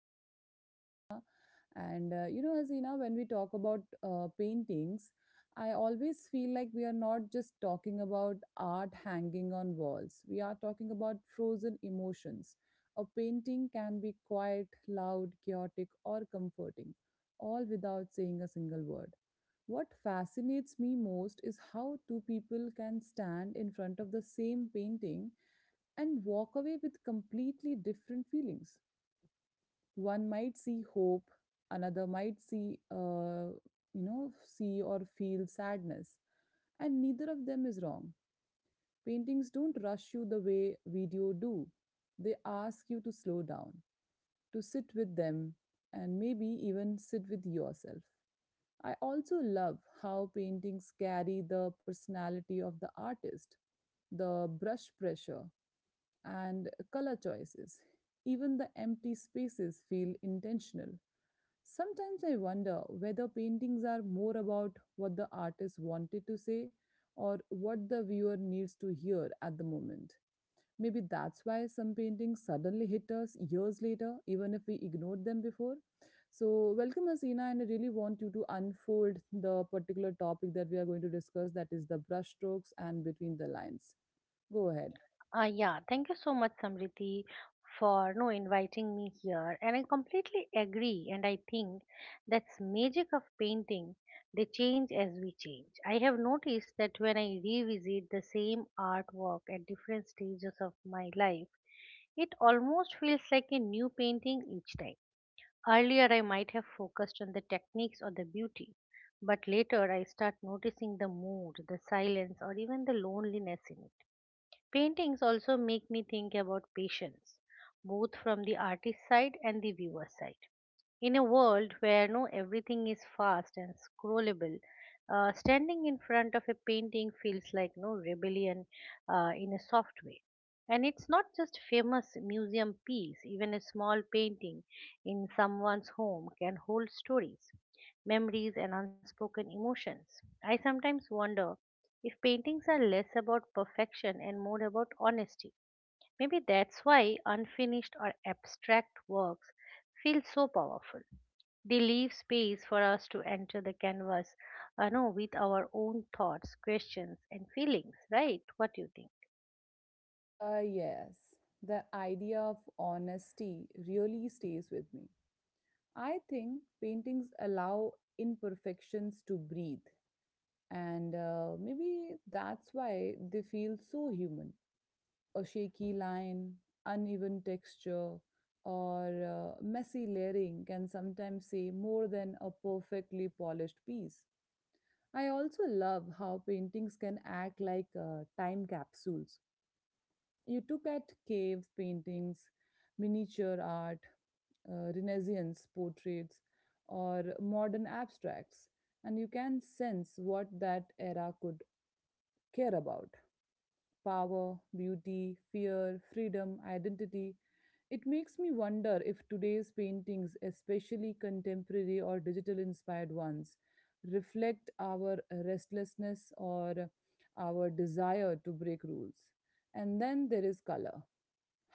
with me, Hasina. Hasina, when we talk about paintings, I always feel like we are not just talking about art hanging on walls. We are talking about frozen emotions. A painting can be quiet, loud, chaotic, or comforting, all without saying a single word. What fascinates me most is how two people can stand in front of the same painting and walk away with completely different feelings. One might see hope, another might see or feel sadness, and neither of them is wrong. Paintings don't rush you the way video do. They ask you to slow down, to sit with them, and maybe even sit with yourself. I also love how paintings carry the personality of the artist, the brush pressure, and color choices. Even the empty spaces feel intentional. Sometimes I wonder whether paintings are more about what the artist wanted to say or what the viewer needs to hear at the moment. Maybe that's why some paintings suddenly hit us years later, even if we ignored them before. So, welcome, Hasina, and I really want you to unfold the particular topic that we are going to discuss, that is the brushstrokes and between the lines. Go ahead. Yeah, thank you so much, Samriti, for no inviting me here. And I completely agree. And I think that's magic of painting. They change as we change. I have noticed that when I revisit the same artwork at different stages of my life, it almost feels like a new painting each time. Earlier, I might have focused on the techniques or the beauty, but later I start noticing the mood, the silence, or even the loneliness in it. Paintings also make me think about patience, both from the artist side and the viewer side. In a world where no everything is fast and scrollable, standing in front of a painting feels like no rebellion, in a soft way. And it's not just famous museum piece, even a small painting in someone's home can hold stories, memories, and unspoken emotions. I sometimes wonder if paintings are less about perfection and more about honesty. Maybe that's why unfinished or abstract works feel so powerful. They leave space for us to enter the canvas, no, with our own thoughts, questions, and feelings, right? What do you think? Uh, yes, the idea of honesty really stays with me. I think paintings allow imperfections to breathe, and maybe that's why they feel so human. A shaky line, uneven texture, or messy layering can sometimes say more than a perfectly polished piece. I also love how paintings can act like time capsules. You look at cave paintings, miniature art, Renaissance portraits, or modern abstracts, and you can sense what that era could care about: power, beauty, fear, freedom, identity. It makes me wonder if today's paintings, especially contemporary or digital inspired ones, reflect our restlessness or our desire to break rules. And then there is color.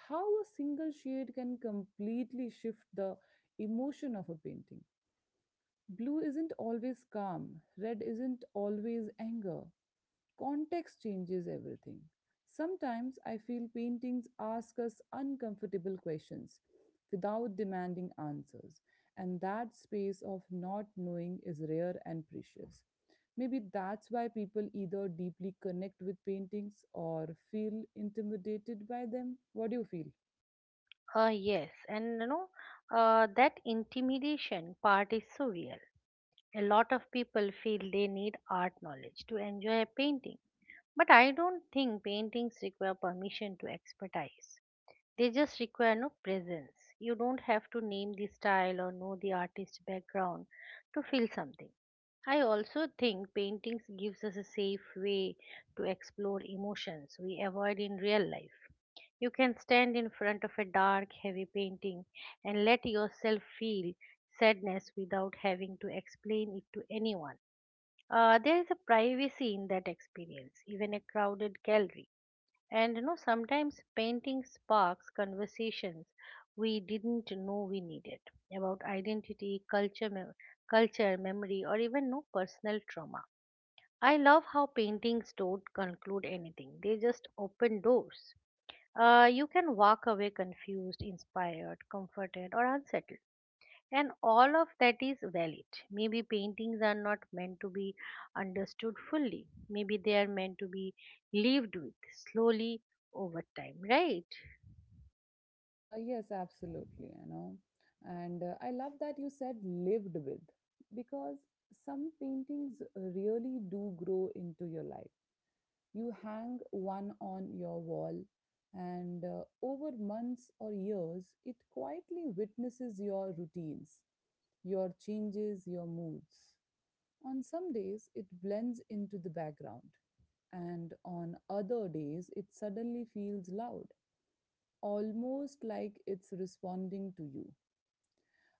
How a single shade can completely shift the emotion of a painting. Blue isn't always calm, red isn't always anger. Context changes everything. Sometimes I feel paintings ask us uncomfortable questions without demanding answers, and that space of not knowing is rare and precious. Maybe that's why people either deeply connect with paintings or feel intimidated by them. What do you feel? Uh, yes, and you know, that intimidation part is so real. A lot of people feel they need art knowledge to enjoy a painting, but I don't think paintings require permission to expertise. They just require presence. You don't have to name the style or know the artist's background to feel something. I also think paintings gives us a safe way to explore emotions we avoid in real life. You can stand in front of a dark, heavy painting and let yourself feel sadness without having to explain it to anyone. There is a privacy in that experience. Even a crowded gallery, sometimes painting sparks conversations we didn't know we needed about identity, culture, culture, memory, or even no personal trauma. I love how paintings don't conclude anything; they just open doors. You can walk away confused, inspired, comforted, or unsettled. And all of that is valid. Maybe paintings are not meant to be understood fully. Maybe they are meant to be lived with slowly over time, right? Yes, Absolutely, you know. And I love that you said lived with, because some paintings really do grow into your life. You hang one on your wall, and over months or years, it quietly witnesses your routines, your changes, your moods. On some days, it blends into the background, and on other days, it suddenly feels loud, almost like it's responding to you.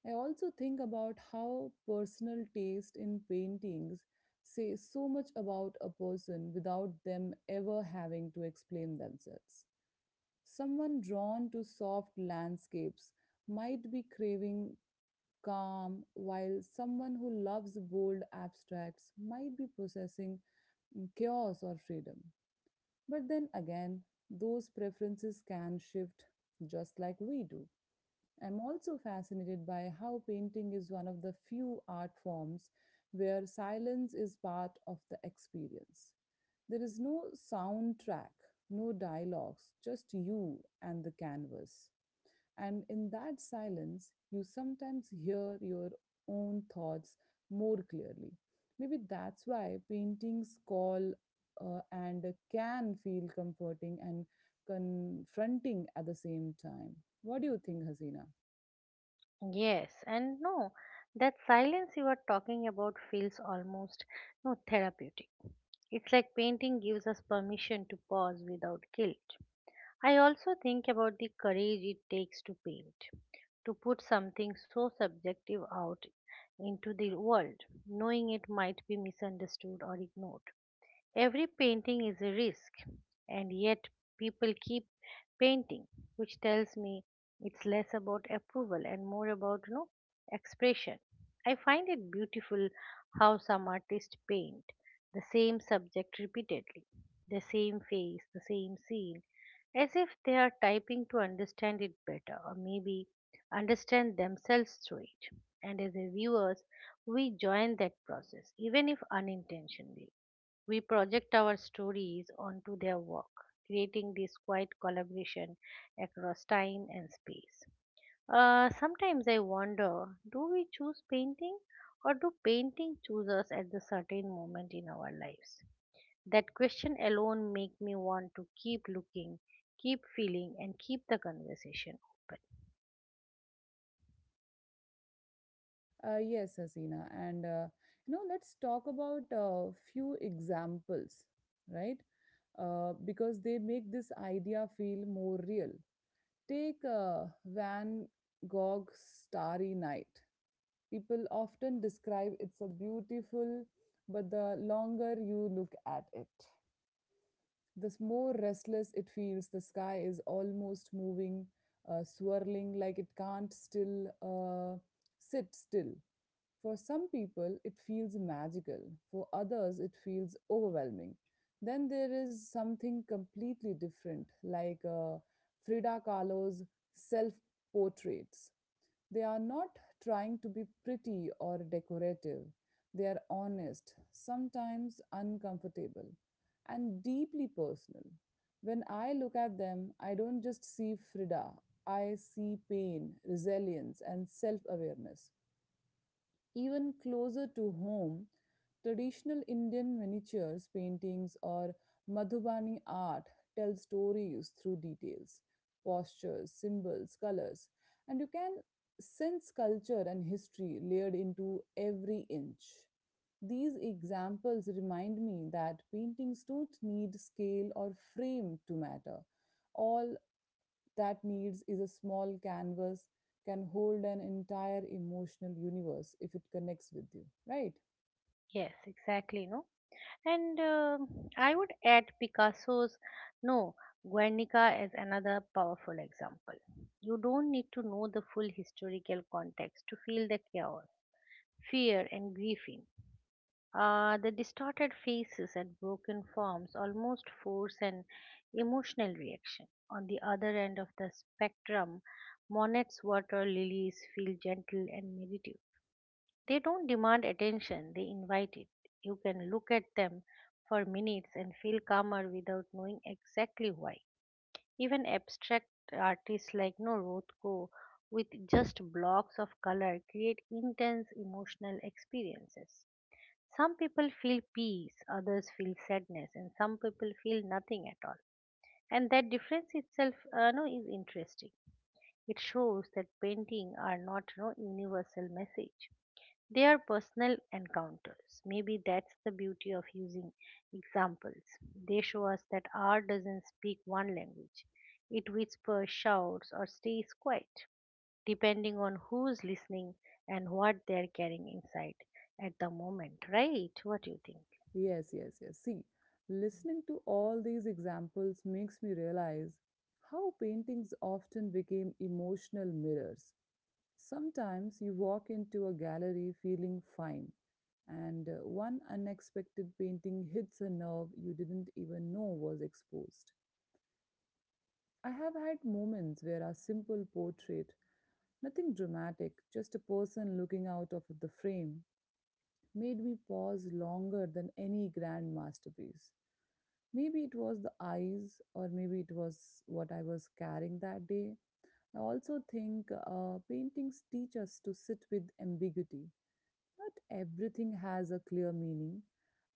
I also think about how personal taste in paintings say so much about a person without them ever having to explain themselves. Someone drawn to soft landscapes might be craving calm, while someone who loves bold abstracts might be processing chaos or freedom. But then again, those preferences can shift just like we do. I'm also fascinated by how painting is one of the few art forms where silence is part of the experience. There is no soundtrack, no dialogues, just you and the canvas. And in that silence, you sometimes hear your own thoughts more clearly. Maybe that's why paintings call and can feel comforting and confronting at the same time. What do you think, Hasina? Yes, and no, that silence you are talking about feels almost no therapeutic. It's like painting gives us permission to pause without guilt. I also think about the courage it takes to paint, to put something so subjective out into the world, knowing it might be misunderstood or ignored. Every painting is a risk, and yet people keep painting, which tells me it's less about approval and more about, expression. I find it beautiful how some artists paint the same subject repeatedly, the same face, the same scene, as if they are typing to understand it better or maybe understand themselves through it. And as a viewers, we join that process, even if unintentionally we project our stories onto their work, creating this quiet collaboration across time and space. Sometimes I wonder, do we choose painting or do painting choose us at the certain moment in our lives? That question alone makes me want to keep looking, keep feeling, and keep the conversation open. Yes, Hasina, let's talk about a few examples, right? Because they make this idea feel more real. Take Van Gogh's Starry Night. People often describe it's a beautiful, but the longer you look at it, the more restless it feels. The sky is almost moving, swirling like it can't still sit still. For some people, it feels magical. For others, it feels overwhelming. Then there is something completely different, like Frida Kahlo's self portraits. They are not trying to be pretty or decorative, they are honest, sometimes uncomfortable, and deeply personal. When I look at them, I don't just see Frida, I see pain, resilience, and self awareness. Even closer to home, traditional Indian miniatures paintings or Madhubani art tell stories through details, postures, symbols, colors, and you can sense culture and history layered into every inch. These examples remind me that paintings don't need scale or frame to matter. All that needs is a small canvas can hold an entire emotional universe if it connects with you, right? Yes, exactly. No, And I would add Picasso's, No, Guernica is another powerful example. You don't need to know the full historical context to feel the chaos, fear, and grief in. The distorted faces and broken forms almost force an emotional reaction. On the other end of the spectrum, Monet's water lilies feel gentle and meditative. They don't demand attention, they invite it. You can look at them for minutes and feel calmer without knowing exactly why. Even abstract artists like no Rothko with just blocks of color create intense emotional experiences. Some people feel peace, others feel sadness, and some people feel nothing at all. And that difference itself no, is interesting. It shows that painting are not no universal message, they are personal encounters. Maybe that's the beauty of using examples. They show us that art doesn't speak one language, it whispers, shouts, or stays quiet, depending on who's listening and what they're carrying inside at the moment, right? What do you think? Yes, yes, yes, see, listening to all these examples makes me realize how paintings often became emotional mirrors. Sometimes you walk into a gallery feeling fine, and one unexpected painting hits a nerve you didn't even know was exposed. I have had moments where a simple portrait, nothing dramatic, just a person looking out of the frame, made me pause longer than any grand masterpiece. Maybe it was the eyes, or maybe it was what I was carrying that day. I also think paintings teach us to sit with ambiguity. Not everything has a clear meaning,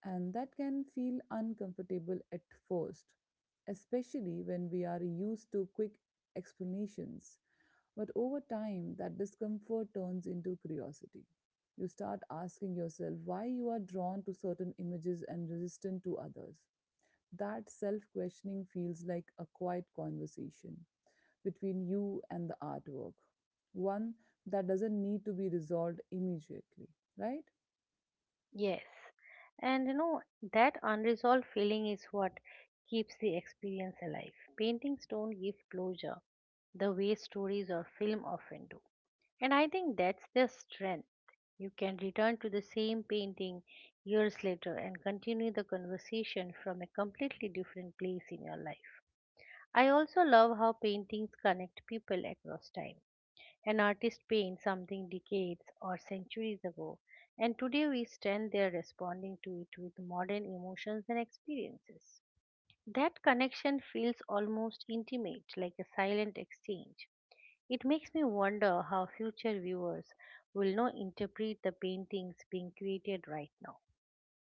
and that can feel uncomfortable at first, especially when we are used to quick explanations. But over time, that discomfort turns into curiosity. You start asking yourself why you are drawn to certain images and resistant to others. That self questioning feels like a quiet conversation between you and the artwork, one that doesn't need to be resolved immediately, right? Yes. And you know, that unresolved feeling is what keeps the experience alive. Paintings don't give closure the way stories or film often do. And I think that's their strength. You can return to the same painting years later and continue the conversation from a completely different place in your life. I also love how paintings connect people across time. An artist paints something decades or centuries ago, and today we stand there responding to it with modern emotions and experiences. That connection feels almost intimate, like a silent exchange. It makes me wonder how future viewers will now interpret the paintings being created right now.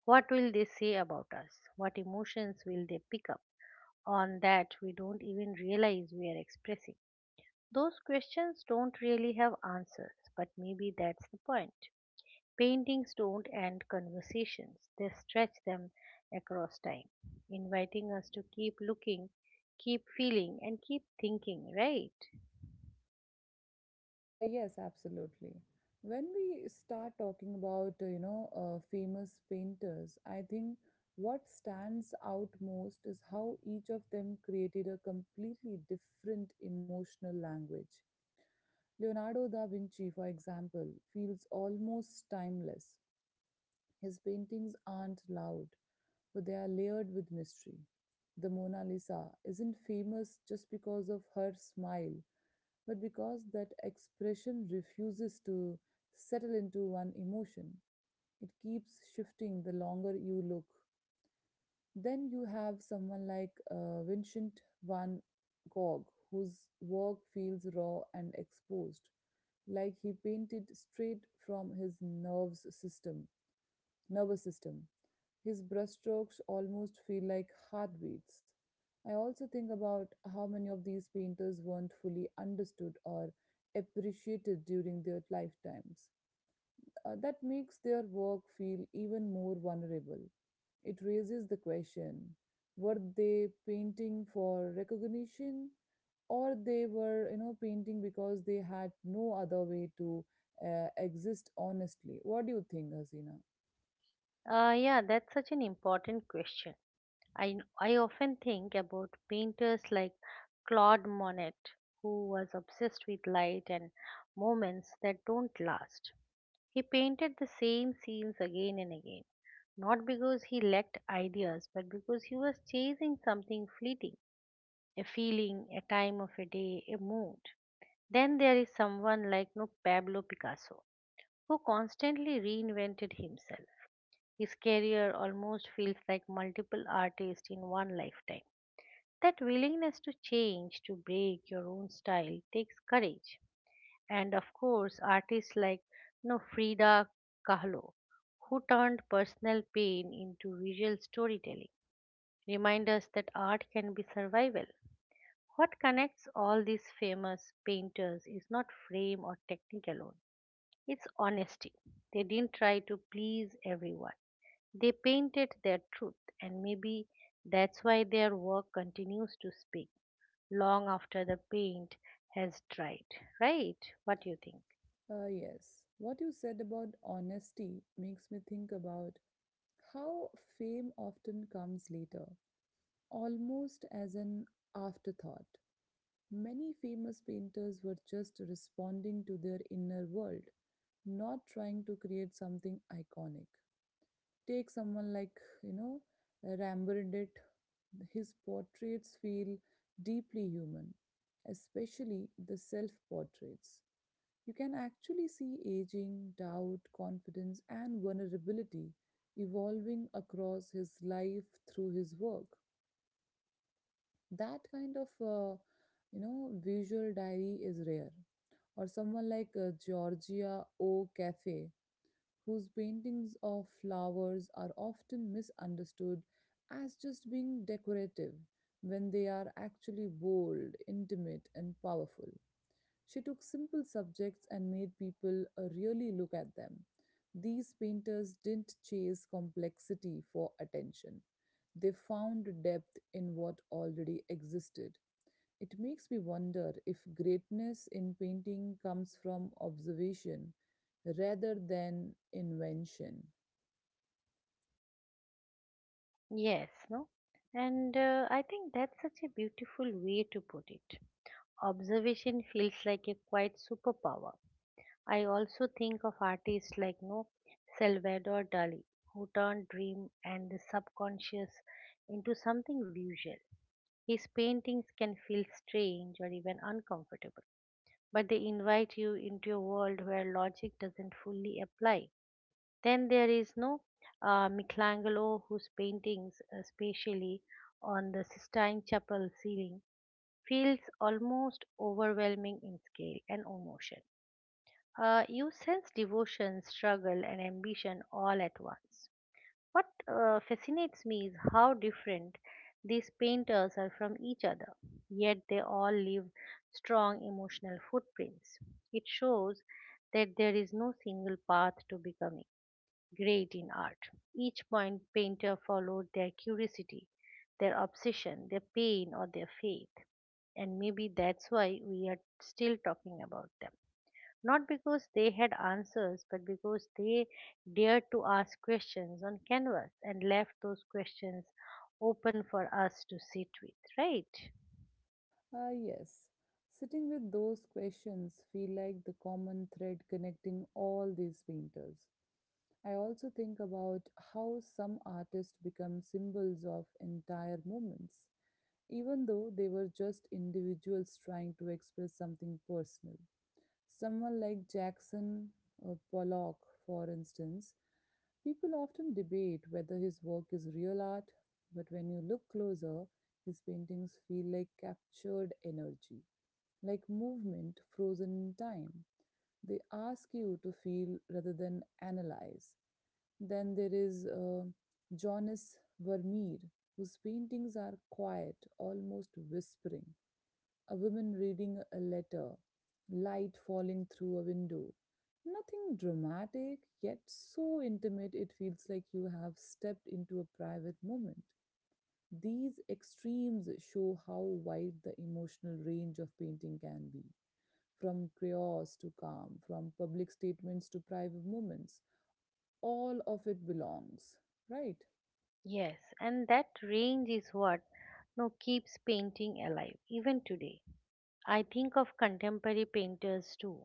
What will they say about us? What emotions will they pick up on that we don't even realize we are expressing? Those questions don't really have answers, but maybe that's the point. Paintings don't end conversations, they stretch them across time, inviting us to keep looking, keep feeling, and keep thinking, right? Yes, Absolutely. When we start talking about, famous painters, I think what stands out most is how each of them created a completely different emotional language. Leonardo da Vinci, for example, feels almost timeless. His paintings aren't loud, but they are layered with mystery. The Mona Lisa isn't famous just because of her smile, but because that expression refuses to settle into one emotion. It keeps shifting the longer you look. Then you have someone like Vincent van Gogh, whose work feels raw and exposed, like he painted straight from his nerves system nervous system. His brushstrokes almost feel like heartbeats. I also think about how many of these painters weren't fully understood or appreciated during their lifetimes. That makes their work feel even more vulnerable. It raises the question, were they painting for recognition, or they were, you know, painting because they had no other way to exist honestly? What do you think, Hasina? Yeah, that's such an important question. I often think about painters like Claude Monet, who was obsessed with light and moments that don't last. He painted the same scenes again and again, not because he lacked ideas, but because he was chasing something fleeting, a feeling, a time of a day, a mood. Then there is someone like no Pablo Picasso, who constantly reinvented himself. His career almost feels like multiple artists in one lifetime. That willingness to change, to break your own style, takes courage. And of course, artists like no Frida Kahlo, who turned personal pain into visual storytelling, remind us that art can be survival. What connects all these famous painters is not fame or technique alone, it's honesty. They didn't try to please everyone. They painted their truth, and maybe that's why their work continues to speak long after the paint has dried. Right? What do you think? Yes, what you said about honesty makes me think about how fame often comes later, almost as an afterthought. Many famous painters were just responding to their inner world, not trying to create something iconic. Take someone like, you know, Rembrandt, his portraits feel deeply human, especially the self portraits. You can actually see aging, doubt, confidence, and vulnerability evolving across his life through his work. That kind of, visual diary is rare. Or someone like Georgia O. Cafe, whose paintings of flowers are often misunderstood as just being decorative when they are actually bold, intimate, and powerful. She took simple subjects and made people really look at them. These painters didn't chase complexity for attention, they found depth in what already existed. It makes me wonder if greatness in painting comes from observation rather than invention. Yes, no? And I think that's such a beautiful way to put it. Observation feels like a quite superpower. I also think of artists like no Salvador Dali, who turned dream and the subconscious into something visual. His paintings can feel strange or even uncomfortable, but they invite you into a world where logic doesn't fully apply. Then there is no Michelangelo, whose paintings, especially on the Sistine Chapel ceiling, feels almost overwhelming in scale and emotion. You sense devotion, struggle, and ambition all at once. What fascinates me is how different these painters are from each other, yet they all leave strong emotional footprints. It shows that there is no single path to becoming great in art. Each point painter followed their curiosity, their obsession, their pain, or their faith, and maybe that's why we are still talking about them, not because they had answers, but because they dared to ask questions on canvas and left those questions open for us to sit with, right? Ah, yes. Sitting with those questions feel like the common thread connecting all these painters. I also think about how some artists become symbols of entire movements, even though they were just individuals trying to express something personal. Someone like Jackson or Pollock, for instance, people often debate whether his work is real art, but when you look closer, his paintings feel like captured energy, like movement frozen in time. They ask you to feel rather than analyze. Then there is Jonas Vermeer, whose paintings are quiet, almost whispering. A woman reading a letter, light falling through a window. Nothing dramatic, yet so intimate it feels like you have stepped into a private moment. These extremes show how wide the emotional range of painting can be, from chaos to calm, from public statements to private moments, all of it belongs, right? Yes, and that range is what no keeps painting alive even today. I think of contemporary painters too,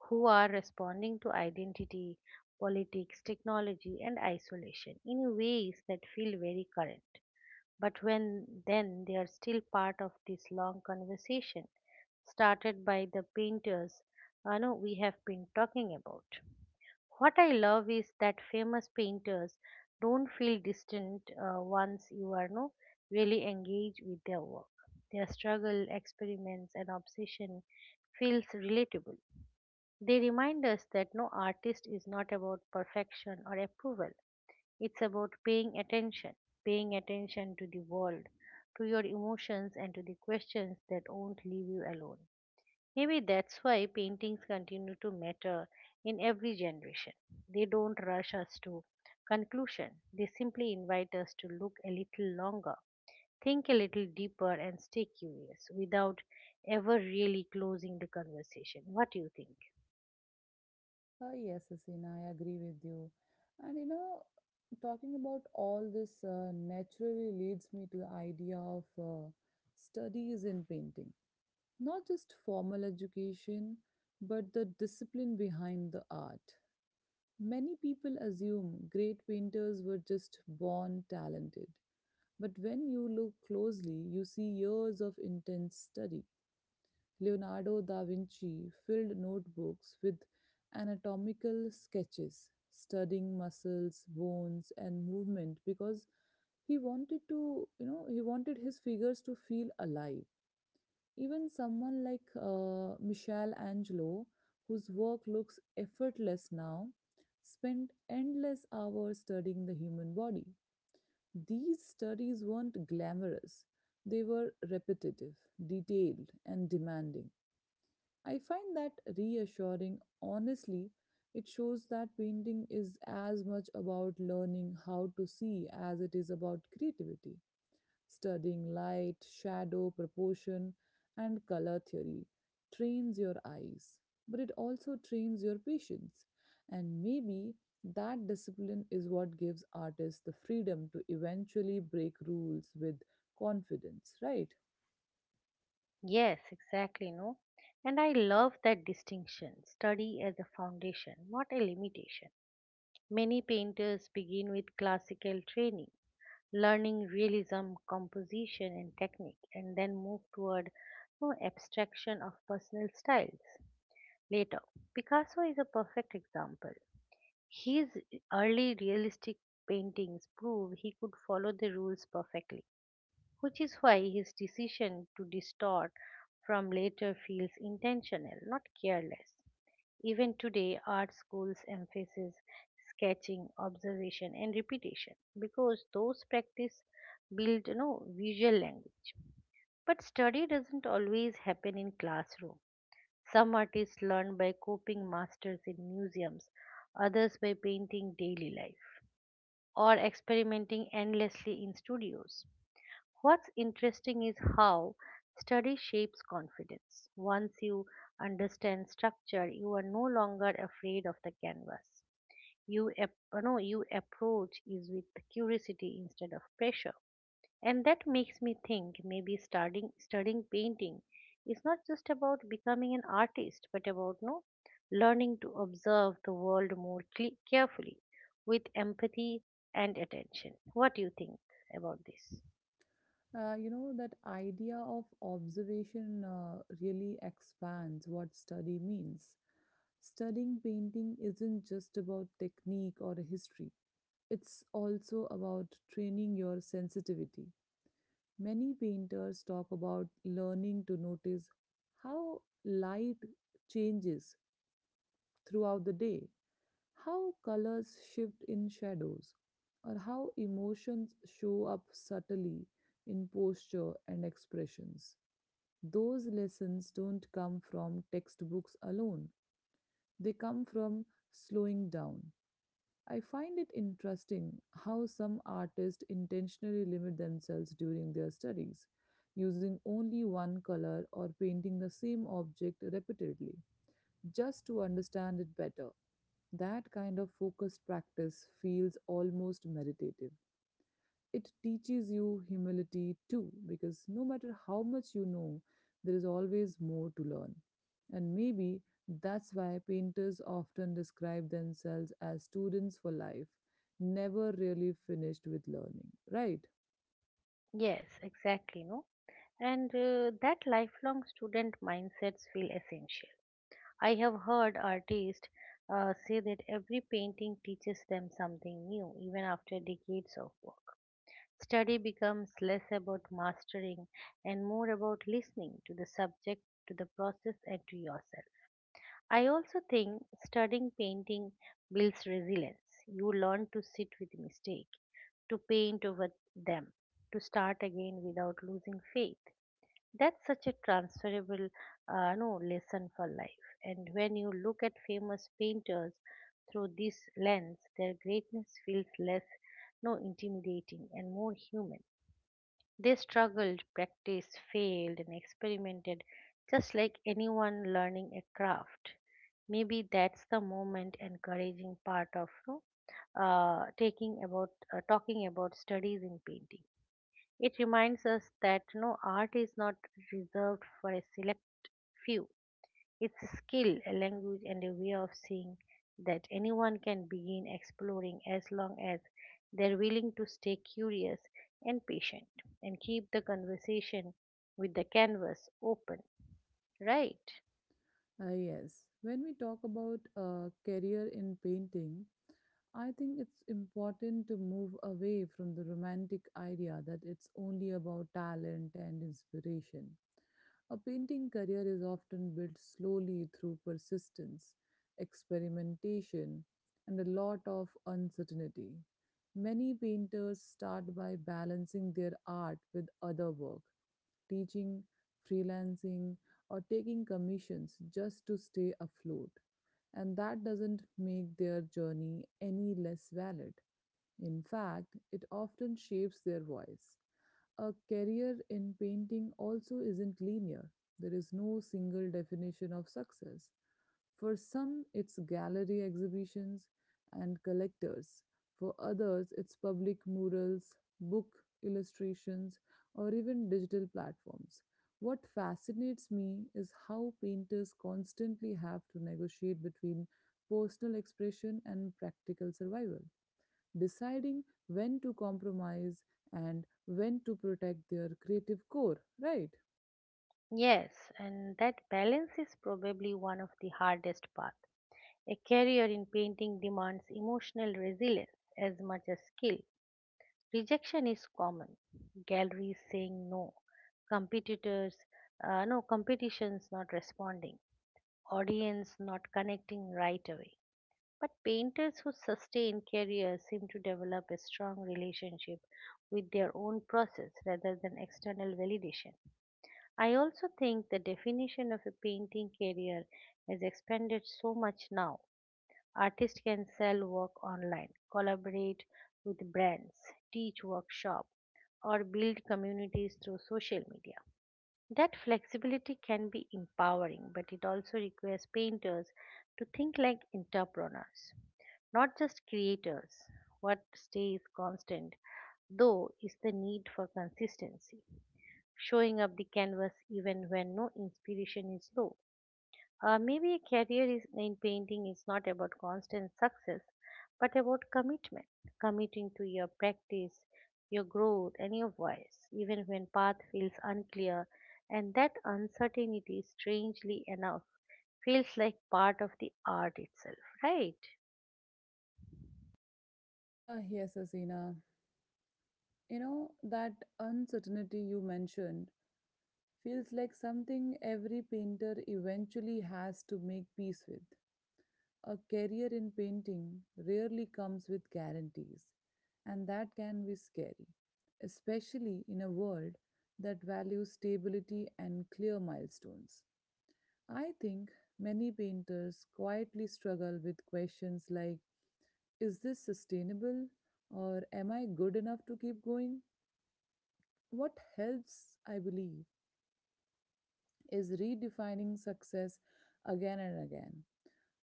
who are responding to identity, politics, technology, and isolation in ways that feel very current. But when then they are still part of this long conversation started by the painters I know we have been talking about. What I love is that famous painters don't feel distant, once you are no really engaged with their work. Their struggle, experiments, and obsession feels relatable. They remind us that artist is not about perfection or approval. It's about paying attention to the world, to your emotions, and to the questions that won't leave you alone. Maybe that's why paintings continue to matter in every generation. They don't rush us to conclusion, they simply invite us to look a little longer, think a little deeper, and stay curious without ever really closing the conversation. What do you think? Yes, Asina, I agree with you. And you know, talking about all this naturally leads me to the idea of studies in painting. Not just formal education, but the discipline behind the art. Many people assume great painters were just born talented. But when you look closely, you see years of intense study. Leonardo da Vinci filled notebooks with anatomical sketches, studying muscles, bones, and movement because he wanted his figures to feel alive. Even someone like Michelangelo, whose work looks effortless now, spent endless hours studying the human body. These studies weren't glamorous, they were repetitive, detailed, and demanding. I find that reassuring. Honestly, it shows that painting is as much about learning how to see as it is about creativity. Studying light, shadow, proportion, and color theory trains your eyes, but it also trains your patience. And maybe that discipline is what gives artists the freedom to eventually break rules with confidence, right? Yes, exactly, no? And I love that distinction, study as a foundation, not a limitation. Many painters begin with classical training, learning realism, composition, and technique, and then move toward no abstraction of personal styles later. Picasso is a perfect example. His early realistic paintings prove he could follow the rules perfectly, which is why his decision to distort from later feels intentional, not careless. Even today, art schools emphasize sketching, observation, and repetition because those practice build, visual language. But study doesn't always happen in classroom. Some artists learn by copying masters in museums, others by painting daily life, or experimenting endlessly in studios. What's interesting is how study shapes confidence. Once you understand structure, you are no longer afraid of the canvas. You, ap- no, you approach is with curiosity instead of pressure. And that makes me think maybe starting studying painting is not just about becoming an artist, but about no learning to observe the world more carefully with empathy and attention. What do you think about this? You know that idea of observation really expands what study means. Studying painting isn't just about technique or history, it's also about training your sensitivity. Many painters talk about learning to notice how light changes throughout the day, how colors shift in shadows, or how emotions show up subtly in posture and expressions. Those lessons don't come from textbooks alone, they come from slowing down. I find it interesting how some artists intentionally limit themselves during their studies, using only one color or painting the same object repeatedly just to understand it better. That kind of focused practice feels almost meditative. It teaches you humility too, because no matter how much you know, there is always more to learn. And maybe that's why painters often describe themselves as students for life, never really finished with learning, right? Yes, exactly, no? And that lifelong student mindsets feel essential. I have heard artists say that every painting teaches them something new, even after decades of work. Study becomes less about mastering and more about listening to the subject, to the process, and to yourself. I also think studying painting builds resilience. You learn to sit with mistake, to paint over them, to start again without losing faith. That's such a transferable no lesson for life. And when you look at famous painters through this lens, their greatness feels less no intimidating and more human. They struggled, practiced, failed, and experimented just like anyone learning a craft. Maybe that's the moment encouraging part of you know, taking about talking about studies in painting. It reminds us that art is not reserved for a select few. It's a skill, a language, and a way of seeing that anyone can begin exploring as long as they're willing to stay curious and patient and keep the conversation with the canvas open. Right. Ah yes, when we talk about a career in painting, I think it's important to move away from the romantic idea that it's only about talent and inspiration. A painting career is often built slowly through persistence, experimentation, and a lot of uncertainty. Many painters start by balancing their art with other work, teaching, freelancing, or taking commissions just to stay afloat, and that doesn't make their journey any less valid. In fact, it often shapes their voice. A career in painting also isn't linear. There is no single definition of success. For some, it's gallery exhibitions and collectors. For others, it's public murals, book illustrations, or even digital platforms. What fascinates me is how painters constantly have to negotiate between personal expression and practical survival, deciding when to compromise and when to protect their creative core, right? Yes, and that balance is probably one of the hardest parts. A career in painting demands emotional resilience as much as skill. Rejection is common. Galleries saying no, competitors, no, competitions not responding, audience not connecting right away. But painters who sustain careers seem to develop a strong relationship with their own process rather than external validation. I also think the definition of a painting career has expanded so much now. Artists can sell work online, collaborate with brands, teach workshops, or build communities through social media. That flexibility can be empowering, but it also requires painters to think like entrepreneurs, not just creators. What stays constant, though, is the need for consistency, showing up the canvas even when no inspiration is low. Maybe a career in painting is not about constant success, but about commitment, committing to your practice, your growth, and your voice, even when path feels unclear. And that uncertainty, strangely enough, feels like part of the art itself, right? Ah, yes, Asina. You know, that uncertainty you mentioned feels like something every painter eventually has to make peace with. A career in painting rarely comes with guarantees, and that can be scary, especially in a world that values stability and clear milestones. I think many painters quietly struggle with questions like, is this sustainable, or am I good enough to keep going? What helps, I believe, is redefining success again and again.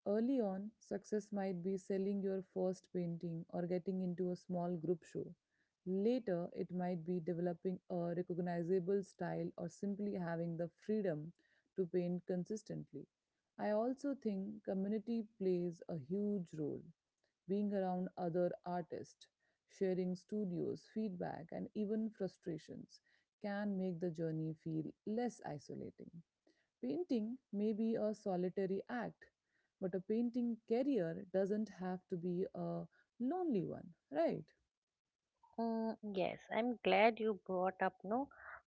Early on, success might be selling your first painting or getting into a small group show. Later, it might be developing a recognizable style or simply having the freedom to paint consistently. I also think community plays a huge role. Being around other artists, sharing studios, feedback, and even frustrations can make the journey feel less isolating. Painting may be a solitary act, but a painting career doesn't have to be a lonely one, right? Mm, yes, I'm glad you brought up no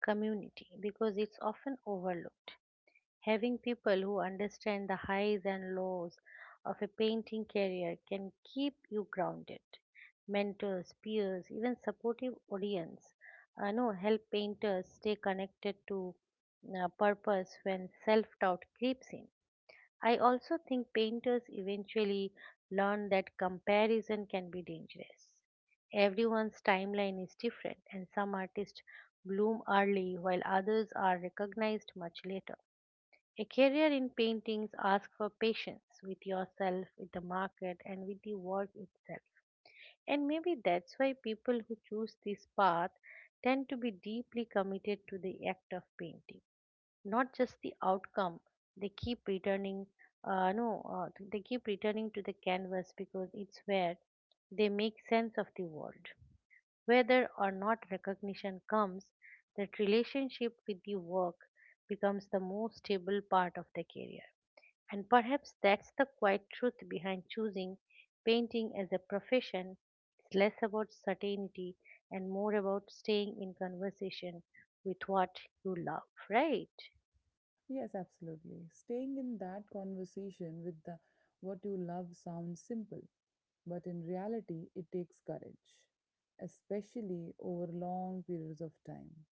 community because it's often overlooked. Having people who understand the highs and lows of a painting career can keep you grounded. Mentors, peers, even supportive audience, no, help painters stay connected to purpose when self-doubt creeps in. I also think painters eventually learn that comparison can be dangerous. Everyone's timeline is different, and some artists bloom early while others are recognized much later. A career in paintings asks for patience with yourself, with the market, and with the work itself. And maybe that's why people who choose this path tend to be deeply committed to the act of painting, not just the outcome. They keep returning, no, they keep returning to the canvas because it's where they make sense of the world. Whether or not recognition comes, that relationship with the work becomes the most stable part of the career. And perhaps that's the quiet truth behind choosing painting as a profession. It's less about certainty and more about staying in conversation with what you love, right? Yes, absolutely. Staying in that conversation with the what you love sounds simple, but in reality it takes courage, especially over long periods of time.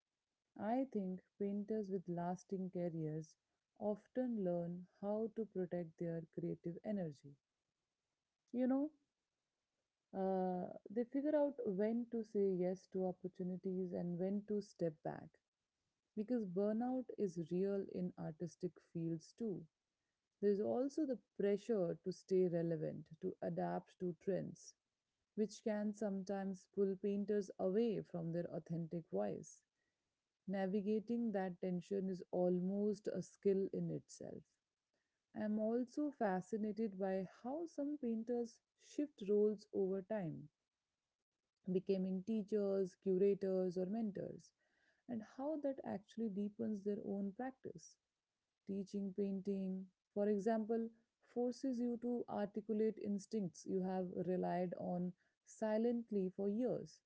I think painters with lasting careers often learn how to protect their creative energy. You know, Uh, they figure out when to say yes to opportunities and when to step back because burnout is real in artistic fields too. There's also the pressure to stay relevant, to adapt to trends, which can sometimes pull painters away from their authentic voice. Navigating that tension is almost a skill in itself. I am also fascinated by how some painters shift roles over time, becoming teachers, curators, or mentors, and how that actually deepens their own practice. Teaching painting, for example, forces you to articulate instincts you have relied on silently for years.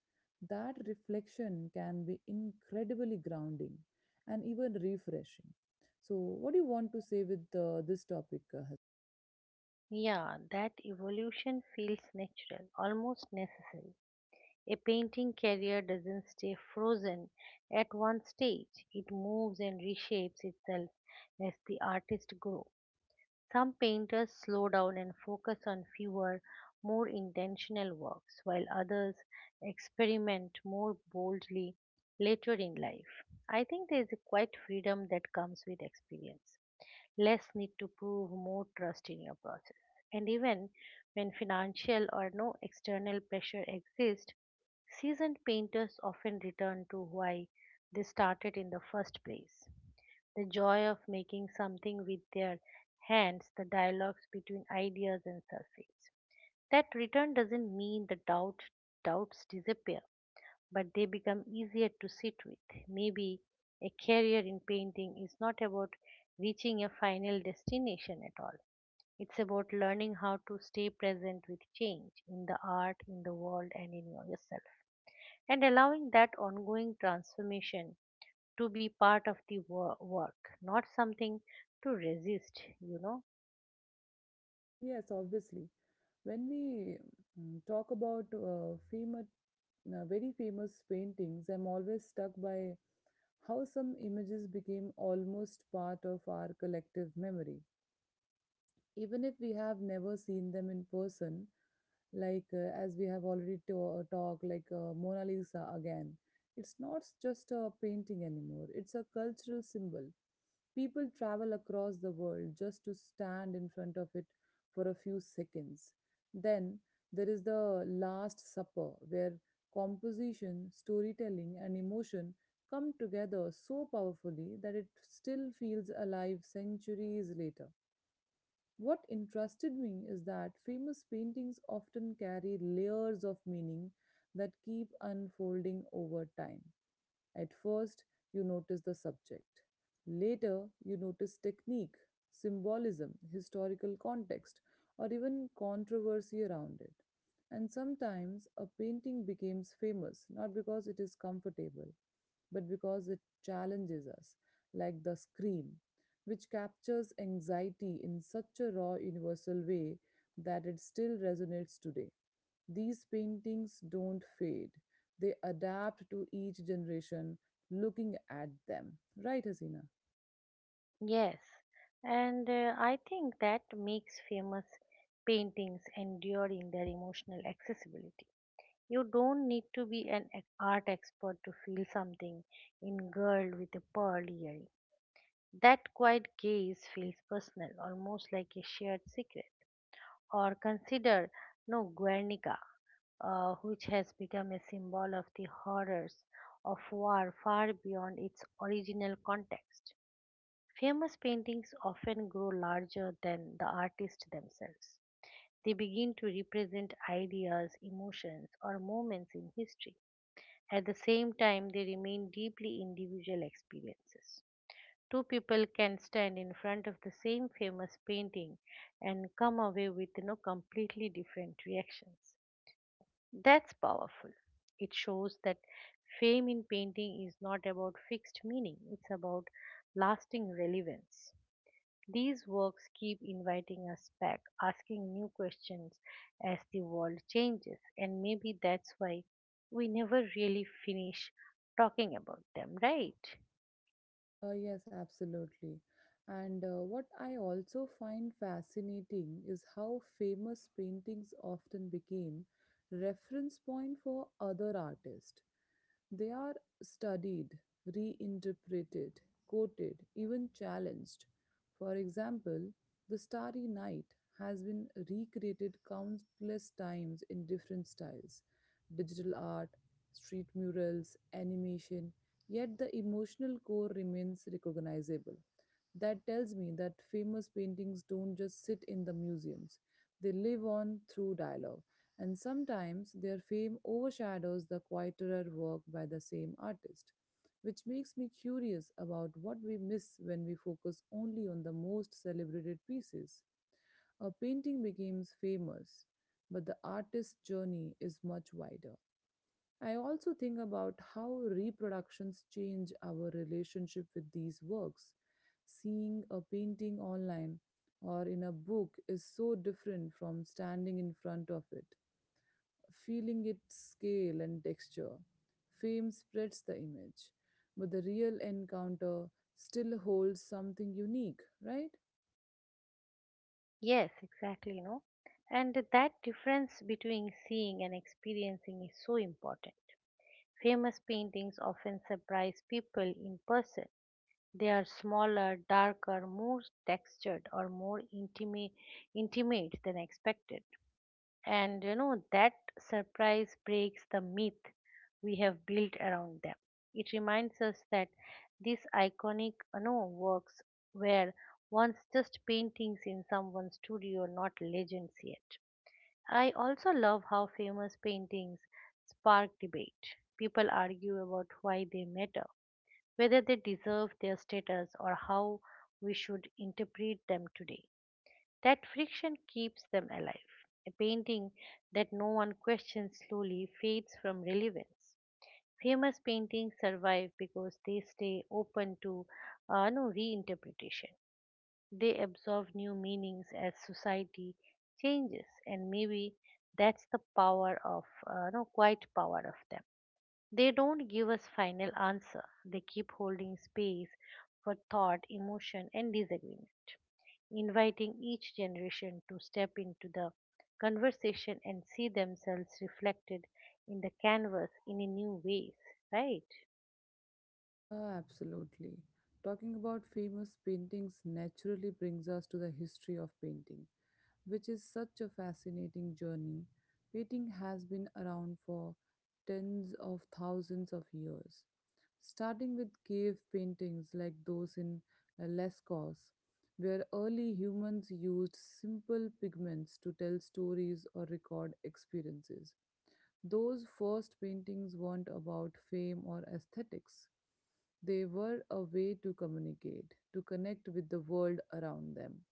That reflection can be incredibly grounding and even refreshing. So, what do you want to say with this topic, Hasna? Yeah, that evolution feels natural, almost necessary. A painting career doesn't stay frozen at one stage. It moves and reshapes itself as the artist grows. Some painters slow down and focus on fewer, more intentional works, while others experiment more boldly later in life. I think there is a quiet freedom that comes with experience, less need to prove, more trust in your process. And even when financial or no external pressure exists, seasoned painters often return to why they started in the first place, the joy of making something with their hands, the dialogues between ideas and surface. That return doesn't mean the doubts disappear, but they become easier to sit with. Maybe a career in painting is not about reaching a final destination at all. It's about learning how to stay present with change in the art, in the world, and in yourself, and allowing that ongoing transformation to be part of the work, not something to resist, you know. Yes, obviously. When we talk about female very famous paintings, I'm always stuck by how some images became almost part of our collective memory. Even if we have never seen them in person, like as we have already talked, like Mona Lisa again, it's not just a painting anymore, it's a cultural symbol. People travel across the world just to stand in front of it for a few seconds. Then there is the Last Supper, where composition, storytelling, and emotion come together so powerfully that it still feels alive centuries later. What interested me is that famous paintings often carry layers of meaning that keep unfolding over time. At first, you notice the subject. Later, you notice technique, symbolism, historical context, or even controversy around it. And sometimes a painting becomes famous not because it is comfortable, but because it challenges us, like The Scream, which captures anxiety in such a raw, universal way that it still resonates today. These paintings don't fade, they adapt to each generation looking at them. Right, Hasina? Yes, and I think that makes famous paintings endure in their emotional accessibility. You don't need to be an art expert to feel something in Girl with a Pearl Earring. That quiet gaze feels personal, almost like a shared secret. Or consider no Guernica, which has become a symbol of the horrors of war far beyond its original context. Famous paintings often grow larger than the artists themselves. They begin to represent ideas, emotions, or moments in history. At the same time, they remain deeply individual experiences. Two people can stand in front of the same famous painting and come away with completely different reactions. That's powerful. It shows that fame in painting is not about fixed meaning, it's about lasting relevance. These works keep inviting us back, asking new questions as the world changes, and maybe that's why we never really finish talking about them, right? Yes, absolutely. And what I also find fascinating is how famous paintings often became reference point for other artists. They are studied, reinterpreted, quoted, even challenged. For example, The Starry Night has been recreated countless times in different styles: digital art, street murals, animation, yet the emotional core remains recognizable. That tells me that famous paintings don't just sit in the museums, they live on through dialogue, and sometimes their fame overshadows the quieter work by the same artist, which makes me curious about what we miss when we focus only on the most celebrated pieces. A painting becomes famous, but the artist's journey is much wider. I also think about how reproductions change our relationship with these works. Seeing a painting online or in a book is so different from standing in front of it, feeling its scale and texture. Fame spreads the image, but the real encounter still holds something unique, right? Yes, exactly, you know. And that difference between seeing and experiencing is so important. Famous paintings often surprise people in person. They are smaller, darker, more textured, or more intimate, than expected. And you know, that surprise breaks the myth we have built around them. It reminds us that these iconic works were once just paintings in someone's studio, not legends yet. I also love how famous paintings spark debate. People argue about why they matter, whether they deserve their status, or how we should interpret them today. That friction keeps them alive. A painting that no one questions slowly fades from relevance. Famous paintings survive because they stay open to no reinterpretation. They absorb new meanings as society changes, and maybe that's the power of no quiet power of them. They don't give us final answer. They keep holding space for thought, emotion, and disagreement, inviting each generation to step into the conversation and see themselves reflected in the canvas in a new ways, right? Ah, absolutely. Talking about famous paintings naturally brings us to the history of painting, which is such a fascinating journey. Painting has been around for tens of thousands of years, starting with cave paintings like those in Lescos, where early humans used simple pigments to tell stories or record experiences. Those first paintings weren't about fame or aesthetics. They were a way to communicate, to connect with the world around them.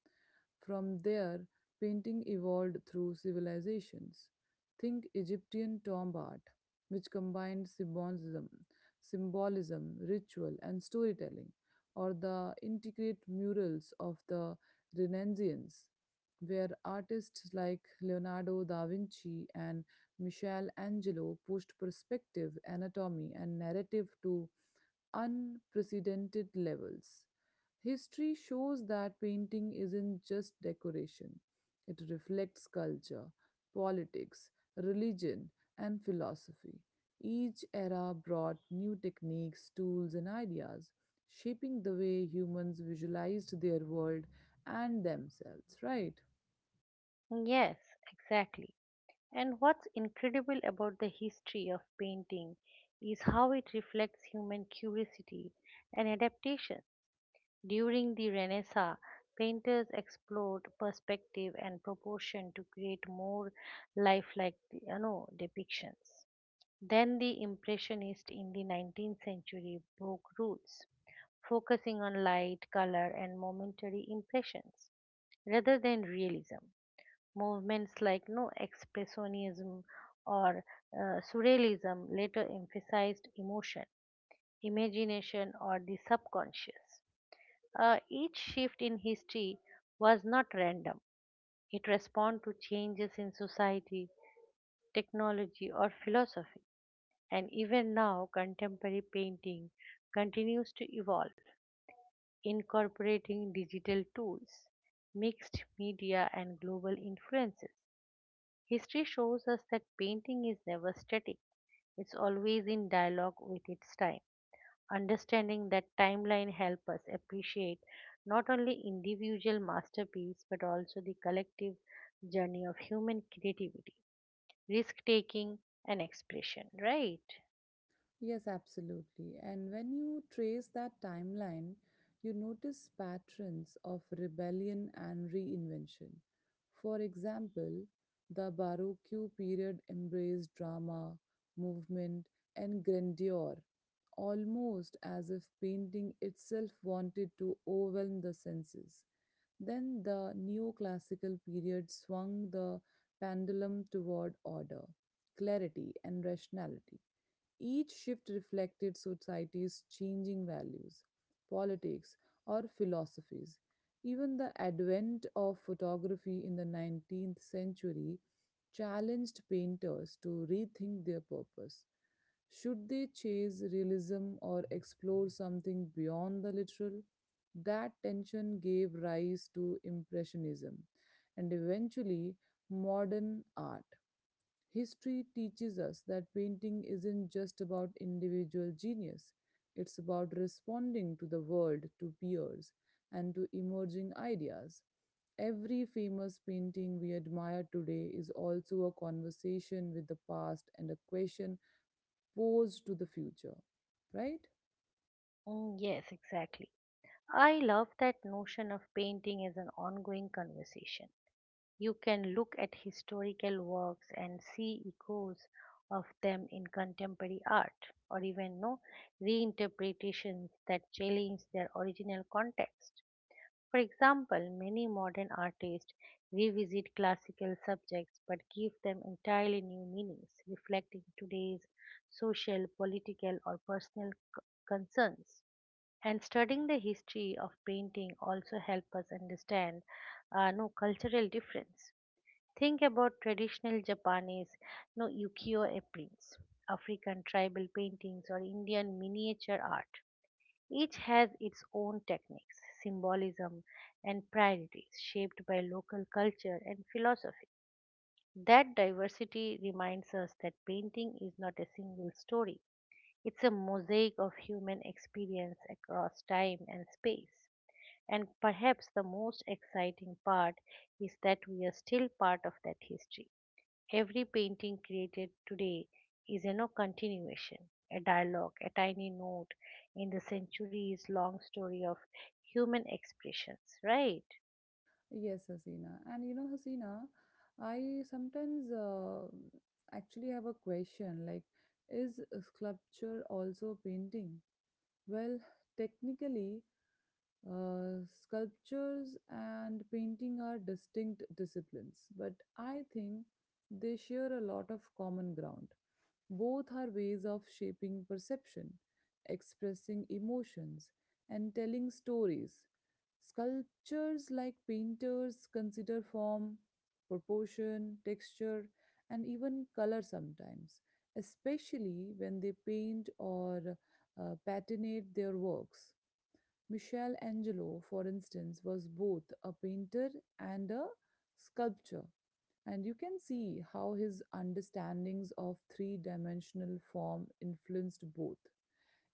From there, painting evolved through civilizations. Think Egyptian tomb art, which combined symbolism, symbolism, ritual, and storytelling, or the intricate murals of the Renaissance, where artists like Leonardo da Vinci and Michelangelo pushed perspective, anatomy, and narrative to unprecedented levels. History shows that painting isn't just decoration, it reflects culture, politics, religion, and philosophy. Each era brought new techniques, tools, and ideas, shaping the way humans visualized their world and themselves, right? Yes, exactly. And what's incredible about the history of painting is how it reflects human curiosity and adaptation. During the Renaissance, painters explored perspective and proportion to create more lifelike, depictions. Then the Impressionists in the 19th century broke rules, focusing on light, color, and momentary impressions rather than realism. Movements like no expressionism or surrealism later emphasized emotion, imagination, or the subconscious. Each shift in history was not random; it responded to changes in society, technology, or philosophy. And even now contemporary painting continues to evolve, incorporating digital tools, mixed media, and global influences. History shows us that painting is never static, it's always in dialogue with its time. Understanding that timeline helps us appreciate not only individual masterpiece but also the collective journey of human creativity, risk taking, and expression, right? Yes, absolutely. And when you trace that timeline, you notice patterns of rebellion and reinvention. For example, the Baroque period embraced drama, movement, and grandeur, almost as if painting itself wanted to overwhelm the senses. Then the neoclassical period swung the pendulum toward order, clarity, and rationality. Each shift reflected society's changing values, politics, or philosophies. Even the advent of photography in the 19th century challenged painters to rethink their purpose. Should they chase realism or explore something beyond the literal? That tension gave rise to Impressionism and eventually modern art. History teaches us that painting isn't just about individual genius, it's about responding to the world, to peers, and to emerging ideas. Every famous painting we admire today is also a conversation with the past and a question exposed to the future, right? Mm, yes, exactly. I love that notion of painting as an ongoing conversation. You can look at historical works and see echoes of them in contemporary art, or even no reinterpretations that challenge their original context. For example, many modern artists revisit classical subjects but give them entirely new meanings, reflecting today's social, political, or personal concerns. And studying the history of painting also help us understand no cultural difference. Think about traditional japanese no ukiyo e prints, african tribal paintings, or indian miniature art. Each has its own techniques, symbolism, and priorities shaped by local culture and philosophy. That diversity reminds us that painting is not a single story, it's a mosaic of human experience across time and space, and perhaps the most exciting part is that we are still part of that history. Every painting created today is a continuation, a dialogue, a tiny note in the centuries long story of human expressions, right? Yes, Hasina. And you know, Hasina, I sometimes actually have a question like, is a sculpture also painting? Well, technically, sculptures and painting are distinct disciplines, but I think they share a lot of common ground. Both are ways of shaping perception, expressing emotions, and telling stories. Sculptures, like painters, consider form, proportion, texture, and even color sometimes, especially when they paint or patinate their works. Michelangelo, for instance, was both a painter and a sculptor, and you can see how his understandings of three dimensional form influenced both.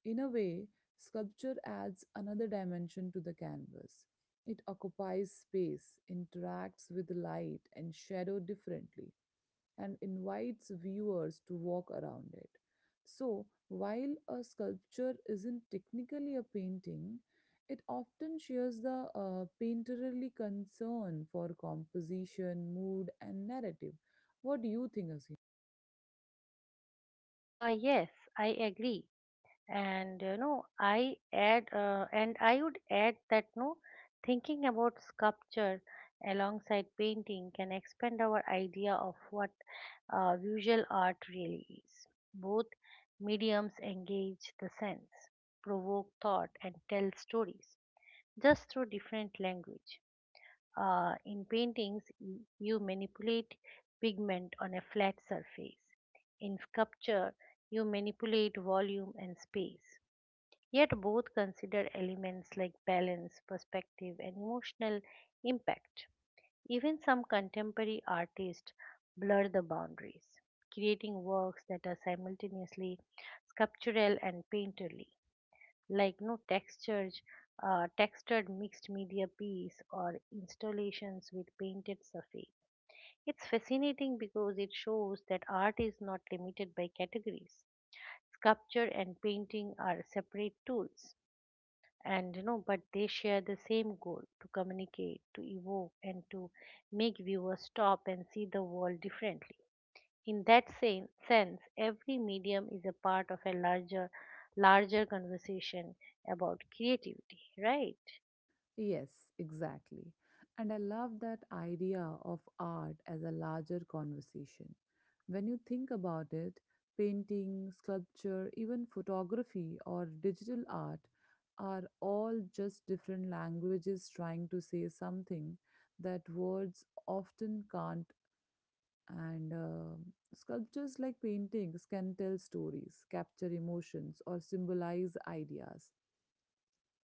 In a way, sculpture adds another dimension to the canvas. It occupies space, interacts with light and shadow differently, and invites viewers to walk around it. So, while a sculpture isn't technically a painting, it often shares the painterly concern for composition, mood, and narrative. What do you think, Asim? Yes, I agree. And I would add that no thinking about sculpture alongside painting can expand our idea of what visual art really is. Both mediums engage the sense, provoke thought, and tell stories just through different language. In paintings you manipulate pigment on a flat surface. In sculpture you manipulate volume and space. Yet both consider elements like balance, perspective, and emotional impact. Even some contemporary artists blur the boundaries, creating works that are simultaneously sculptural and painterly, like no textured, textured mixed media piece or installations with painted surface. It's fascinating because it shows that art is not limited by categories. Sculpture and painting are separate tools, and you know, but they share the same goal: to communicate, to evoke, and to make viewers stop and see the world differently. In that same sense, every medium is a part of a larger conversation about creativity, right? Yes, exactly. And I love that idea of art as a larger conversation. When you think about it, painting, sculpture, even photography or digital art are all just different languages trying to say something that words often can't. And sculptures like paintings can tell stories, capture emotions, or symbolize ideas.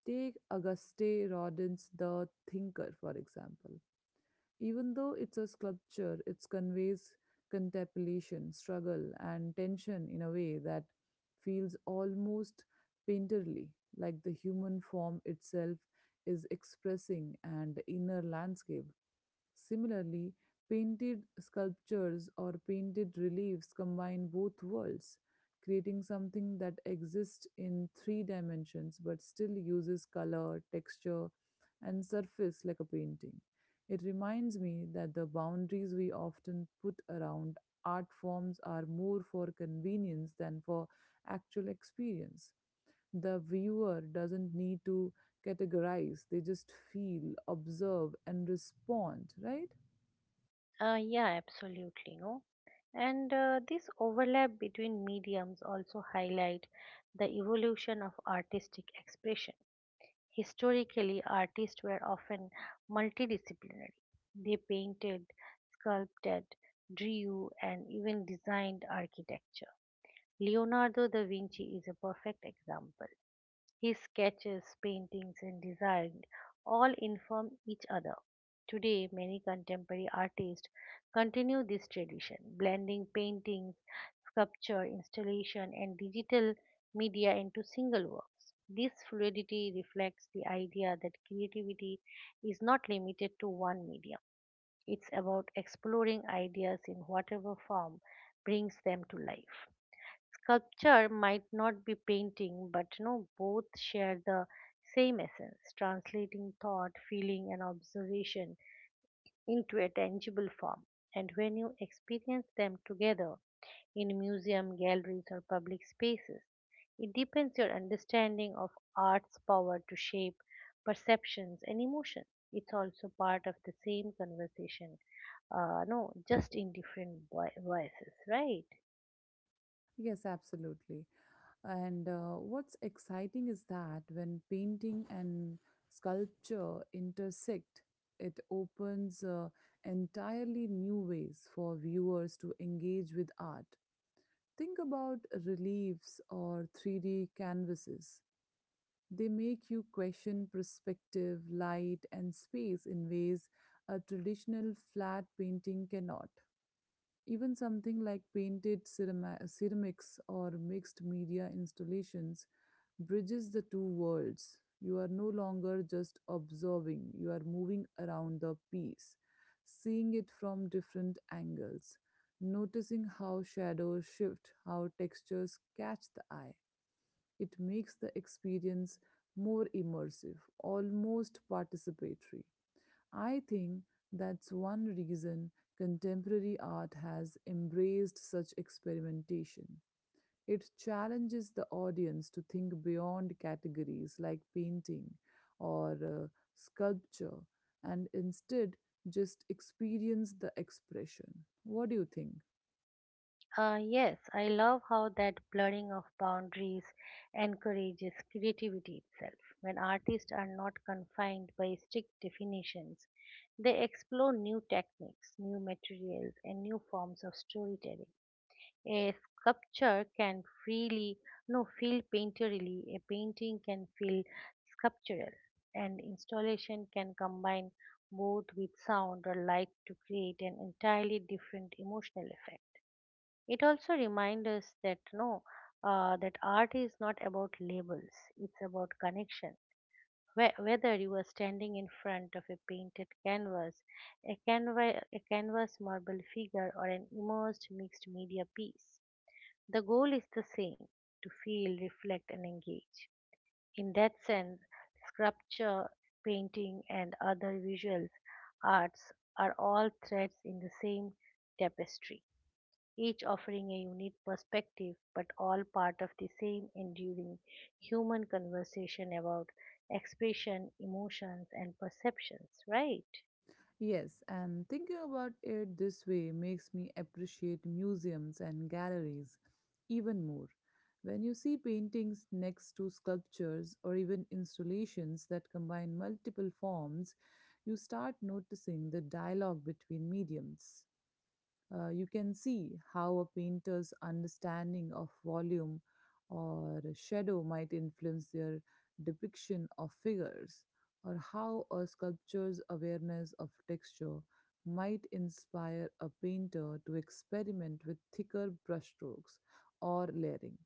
Take Auguste Rodin's The Thinker, for example. Even though it's a sculpture, it conveys contemplation, struggle, and tension in a way that feels almost painterly, like the human form itself is expressing an inner landscape. Similarly, painted sculptures or painted reliefs combine both worlds, creating something that exists in three dimensions but still uses color, texture, and surface like a painting. It reminds me that the boundaries we often put around art forms are more for convenience than for actual experience. The viewer doesn't need to categorize. They just feel, observe, and respond, right? Yeah, absolutely. No, and this overlap between mediums also highlight the evolution of artistic expression. Historically, artists were often multidisciplinary. They painted, sculpted, drew, and even designed architecture. Leonardo da Vinci is a perfect example. His sketches, paintings, and design all inform each other. Today, many contemporary artists continue this tradition, blending paintings, sculpture, installation, and digital media into single works. This fluidity reflects the idea that creativity is not limited to one medium. It's about exploring ideas in whatever form brings them to life. Sculpture might not be painting, but you know, both share the same essence, translating thought, feeling, and observation into a tangible form. And when you experience them together in museum, galleries, or public spaces, it deepens your understanding of art's power to shape perceptions and emotions. It's also part of the same conversation, no, just in different voices, right? Yes, absolutely. And what's exciting is that when painting and sculpture intersect, it opens entirely new ways for viewers to engage with art. Think about reliefs or 3D canvases. They make you question perspective, light, and space in ways a traditional flat painting cannot. Even something like ceramics or mixed media installations bridges the two worlds. You are no longer just observing, you are moving around the piece, seeing it from different angles, noticing how shadows shift, how textures catch the eye. It makes the experience more immersive, almost participatory. I think that's one reason contemporary art has embraced such experimentation. It challenges the audience to think beyond categories like painting or sculpture, and instead just experience the expression. What do you think? Yes, I love how that blurring of boundaries encourages creativity itself. When artists are not confined by strict definitions, they explore new techniques, new materials, and new forms of storytelling. A sculpture can freely, no, feel painterly, a painting can feel sculptural, and installation can combine both with sound or light to create an entirely different emotional effect. It also reminds us that no, that art is not about labels; it's about connection. Whether you are standing in front of a painted canvas, a, a canvas marble figure, or an immersed mixed media piece, the goal is the same: to feel, reflect, and engage. In that sense, sculpture, painting, and other visual arts are all threads in the same tapestry, each offering a unique perspective but all part of the same enduring human conversation about expression, emotions, and perceptions, right? Yes, and thinking about it this way makes me appreciate museums and galleries even more. When you see paintings next to sculptures or even installations that combine multiple forms, you start noticing the dialogue between mediums. You can see how a painter's understanding of volume or shadow might influence their depiction of figures, or how a sculptor's awareness of texture might inspire a painter to experiment with thicker brushstrokes or layering.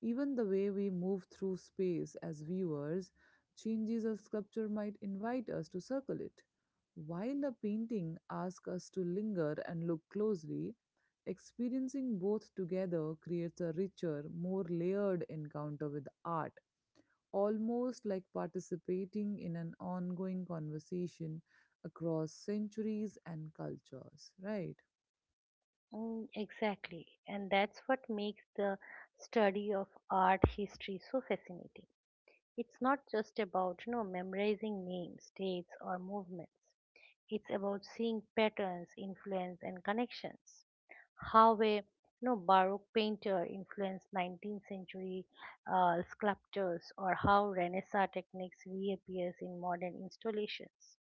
Even the way we move through space as viewers changes. A sculpture might invite us to circle it, while a painting asks us to linger and look closely. Experiencing both together creates a richer, more layered encounter with art, almost like participating in an ongoing conversation across centuries and cultures, right? Mm, exactly. And that's what makes the study of art history so fascinating. It's not just about, you know, memorizing names, dates, or movements. It's about seeing patterns, influence, and connections. How a you know, Baroque painter influenced 19th century sculptors, or how Renaissance techniques reappears in modern installations.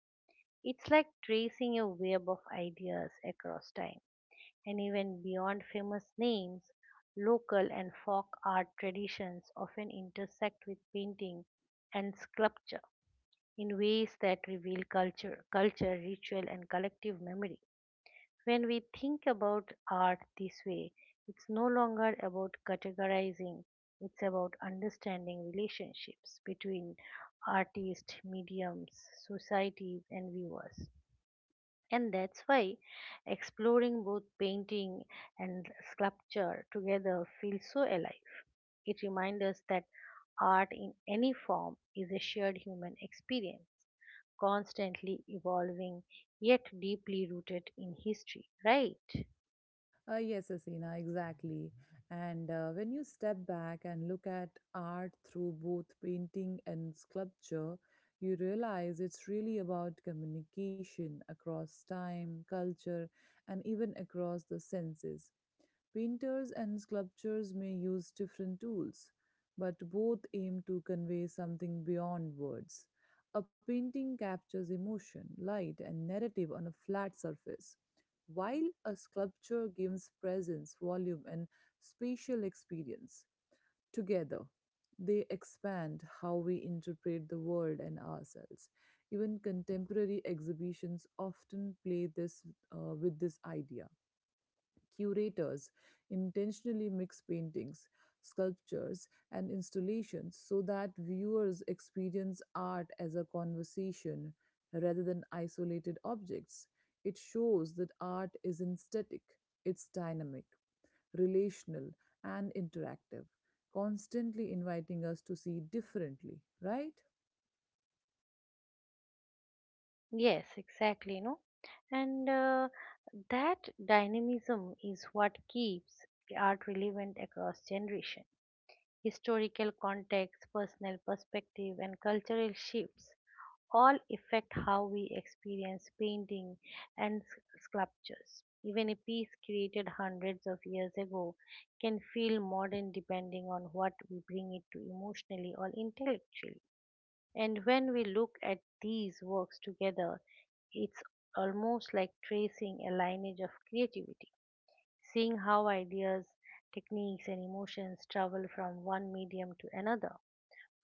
It's like tracing a web of ideas across time. And even beyond famous names, local and folk art traditions often intersect with painting and sculpture in ways that reveal culture, ritual, and collective memory. When we think about art this way, it's no longer about categorizing, it's about understanding relationships between artists, mediums, societies, and viewers. And that's why exploring both painting and sculpture together feels so alive. It reminds us that art in any form is a shared human experience, constantly evolving yet deeply rooted in history, right? Yes, Asina, exactly. And when you step back and look at art through both painting and sculpture, you realize it's really about communication across time, culture, and even across the senses. Painters and sculptors may use different tools, but both aim to convey something beyond words. A painting captures emotion, light, and narrative on a flat surface, while a sculpture gives presence, volume, and spatial experience. Together, they expand how we interpret the world and ourselves. Even contemporary exhibitions often play this with this idea. Curators intentionally mix paintings, sculptures, and installations so that viewers experience art as a conversation rather than isolated objects. It shows that art isn't static, it's dynamic, relational, and interactive, constantly inviting us to see differently, right? Yes, exactly, no? And that dynamism is what keeps art relevant across generations. Historical context, personal perspective, and cultural shifts all affect how we experience painting and sculptures. Even a piece created hundreds of years ago can feel modern depending on what we bring it to emotionally or intellectually. And when we look at these works together, it's almost like tracing a lineage of creativity, seeing how ideas, techniques, and emotions travel from one medium to another,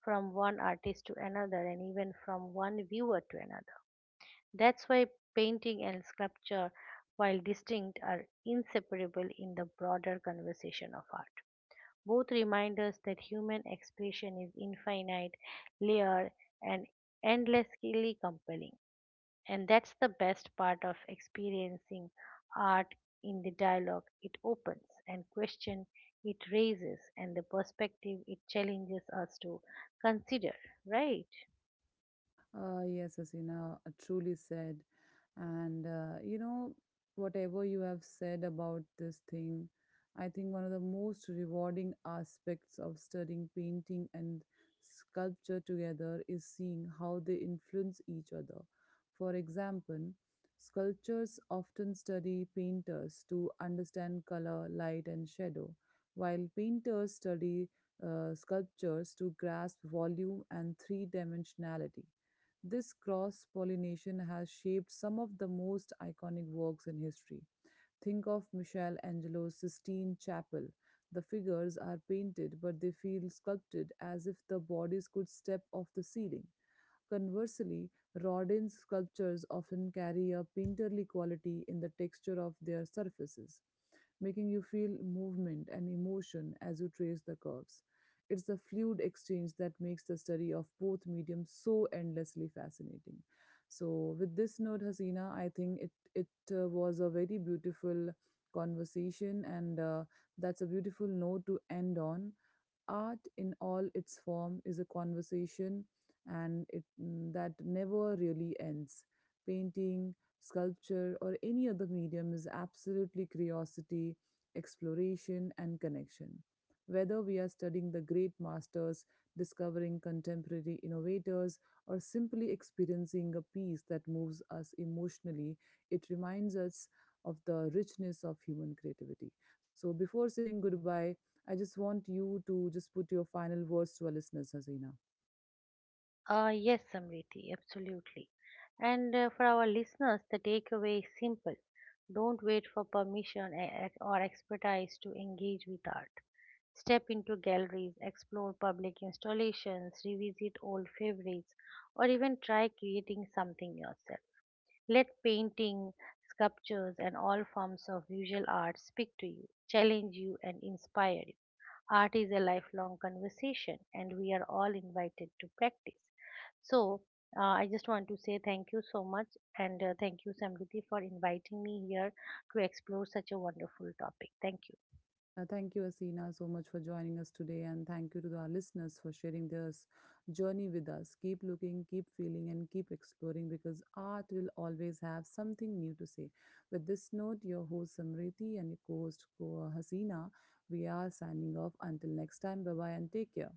from one artist to another, and even from one viewer to another. That's why painting and sculpture, while distinct, are inseparable in the broader conversation of art. Both remind us that human expression is infinite, layered, and endlessly compelling. And that's the best part of experiencing art, in the dialogue it opens and question it raises and the perspective it challenges us to consider, right? Yes, Asina, truly said. And you know, whatever you have said about this thing, I think one of the most rewarding aspects of studying painting and sculpture together is seeing how they influence each other. For example, sculptors often study painters to understand color, light, and shadow, while painters study sculptures to grasp volume and three dimensionality. This cross pollination has shaped some of the most iconic works in history. Think of Michelangelo's Sistine Chapel. The figures are painted, but they feel sculpted, as if the bodies could step off the ceiling. Conversely, Rodin's sculptures often carry a painterly quality in the texture of their surfaces, making you feel movement and emotion as you trace the curves. It's the fluid exchange that makes the study of both mediums so endlessly fascinating. So, with this note, Hasina, I think it was a very beautiful conversation, and that's a beautiful note to end on. Art in all its form is a conversation, and it that never really ends. Painting, sculpture, or any other medium is absolutely curiosity, exploration, and connection. Whether we are studying the great masters, discovering contemporary innovators, or simply experiencing a piece that moves us emotionally, it reminds us of the richness of human creativity. So, before saying goodbye, I just want you to just put your final words to our listeners, Hasina. Yes, Samriti, absolutely. And for our listeners, the takeaway is simple. Don't wait for permission or expertise to engage with art. Step into galleries, explore public installations, revisit old favorites, or even try creating something yourself. Let painting, sculptures, and all forms of visual art speak to you, challenge you, and inspire you. Art is a lifelong conversation, and we are all invited to practice. So, I just want to say thank you so much, and thank you, Samriti, for inviting me here to explore such a wonderful topic. Thank you. Thank you, Asina, so much for joining us today. And thank you to our listeners for sharing their journey with us. Keep looking, keep feeling, and keep exploring, because art will always have something new to say. With this note, your host Samriti and your co host Hasina, we are signing off. Until next time, bye bye and take care.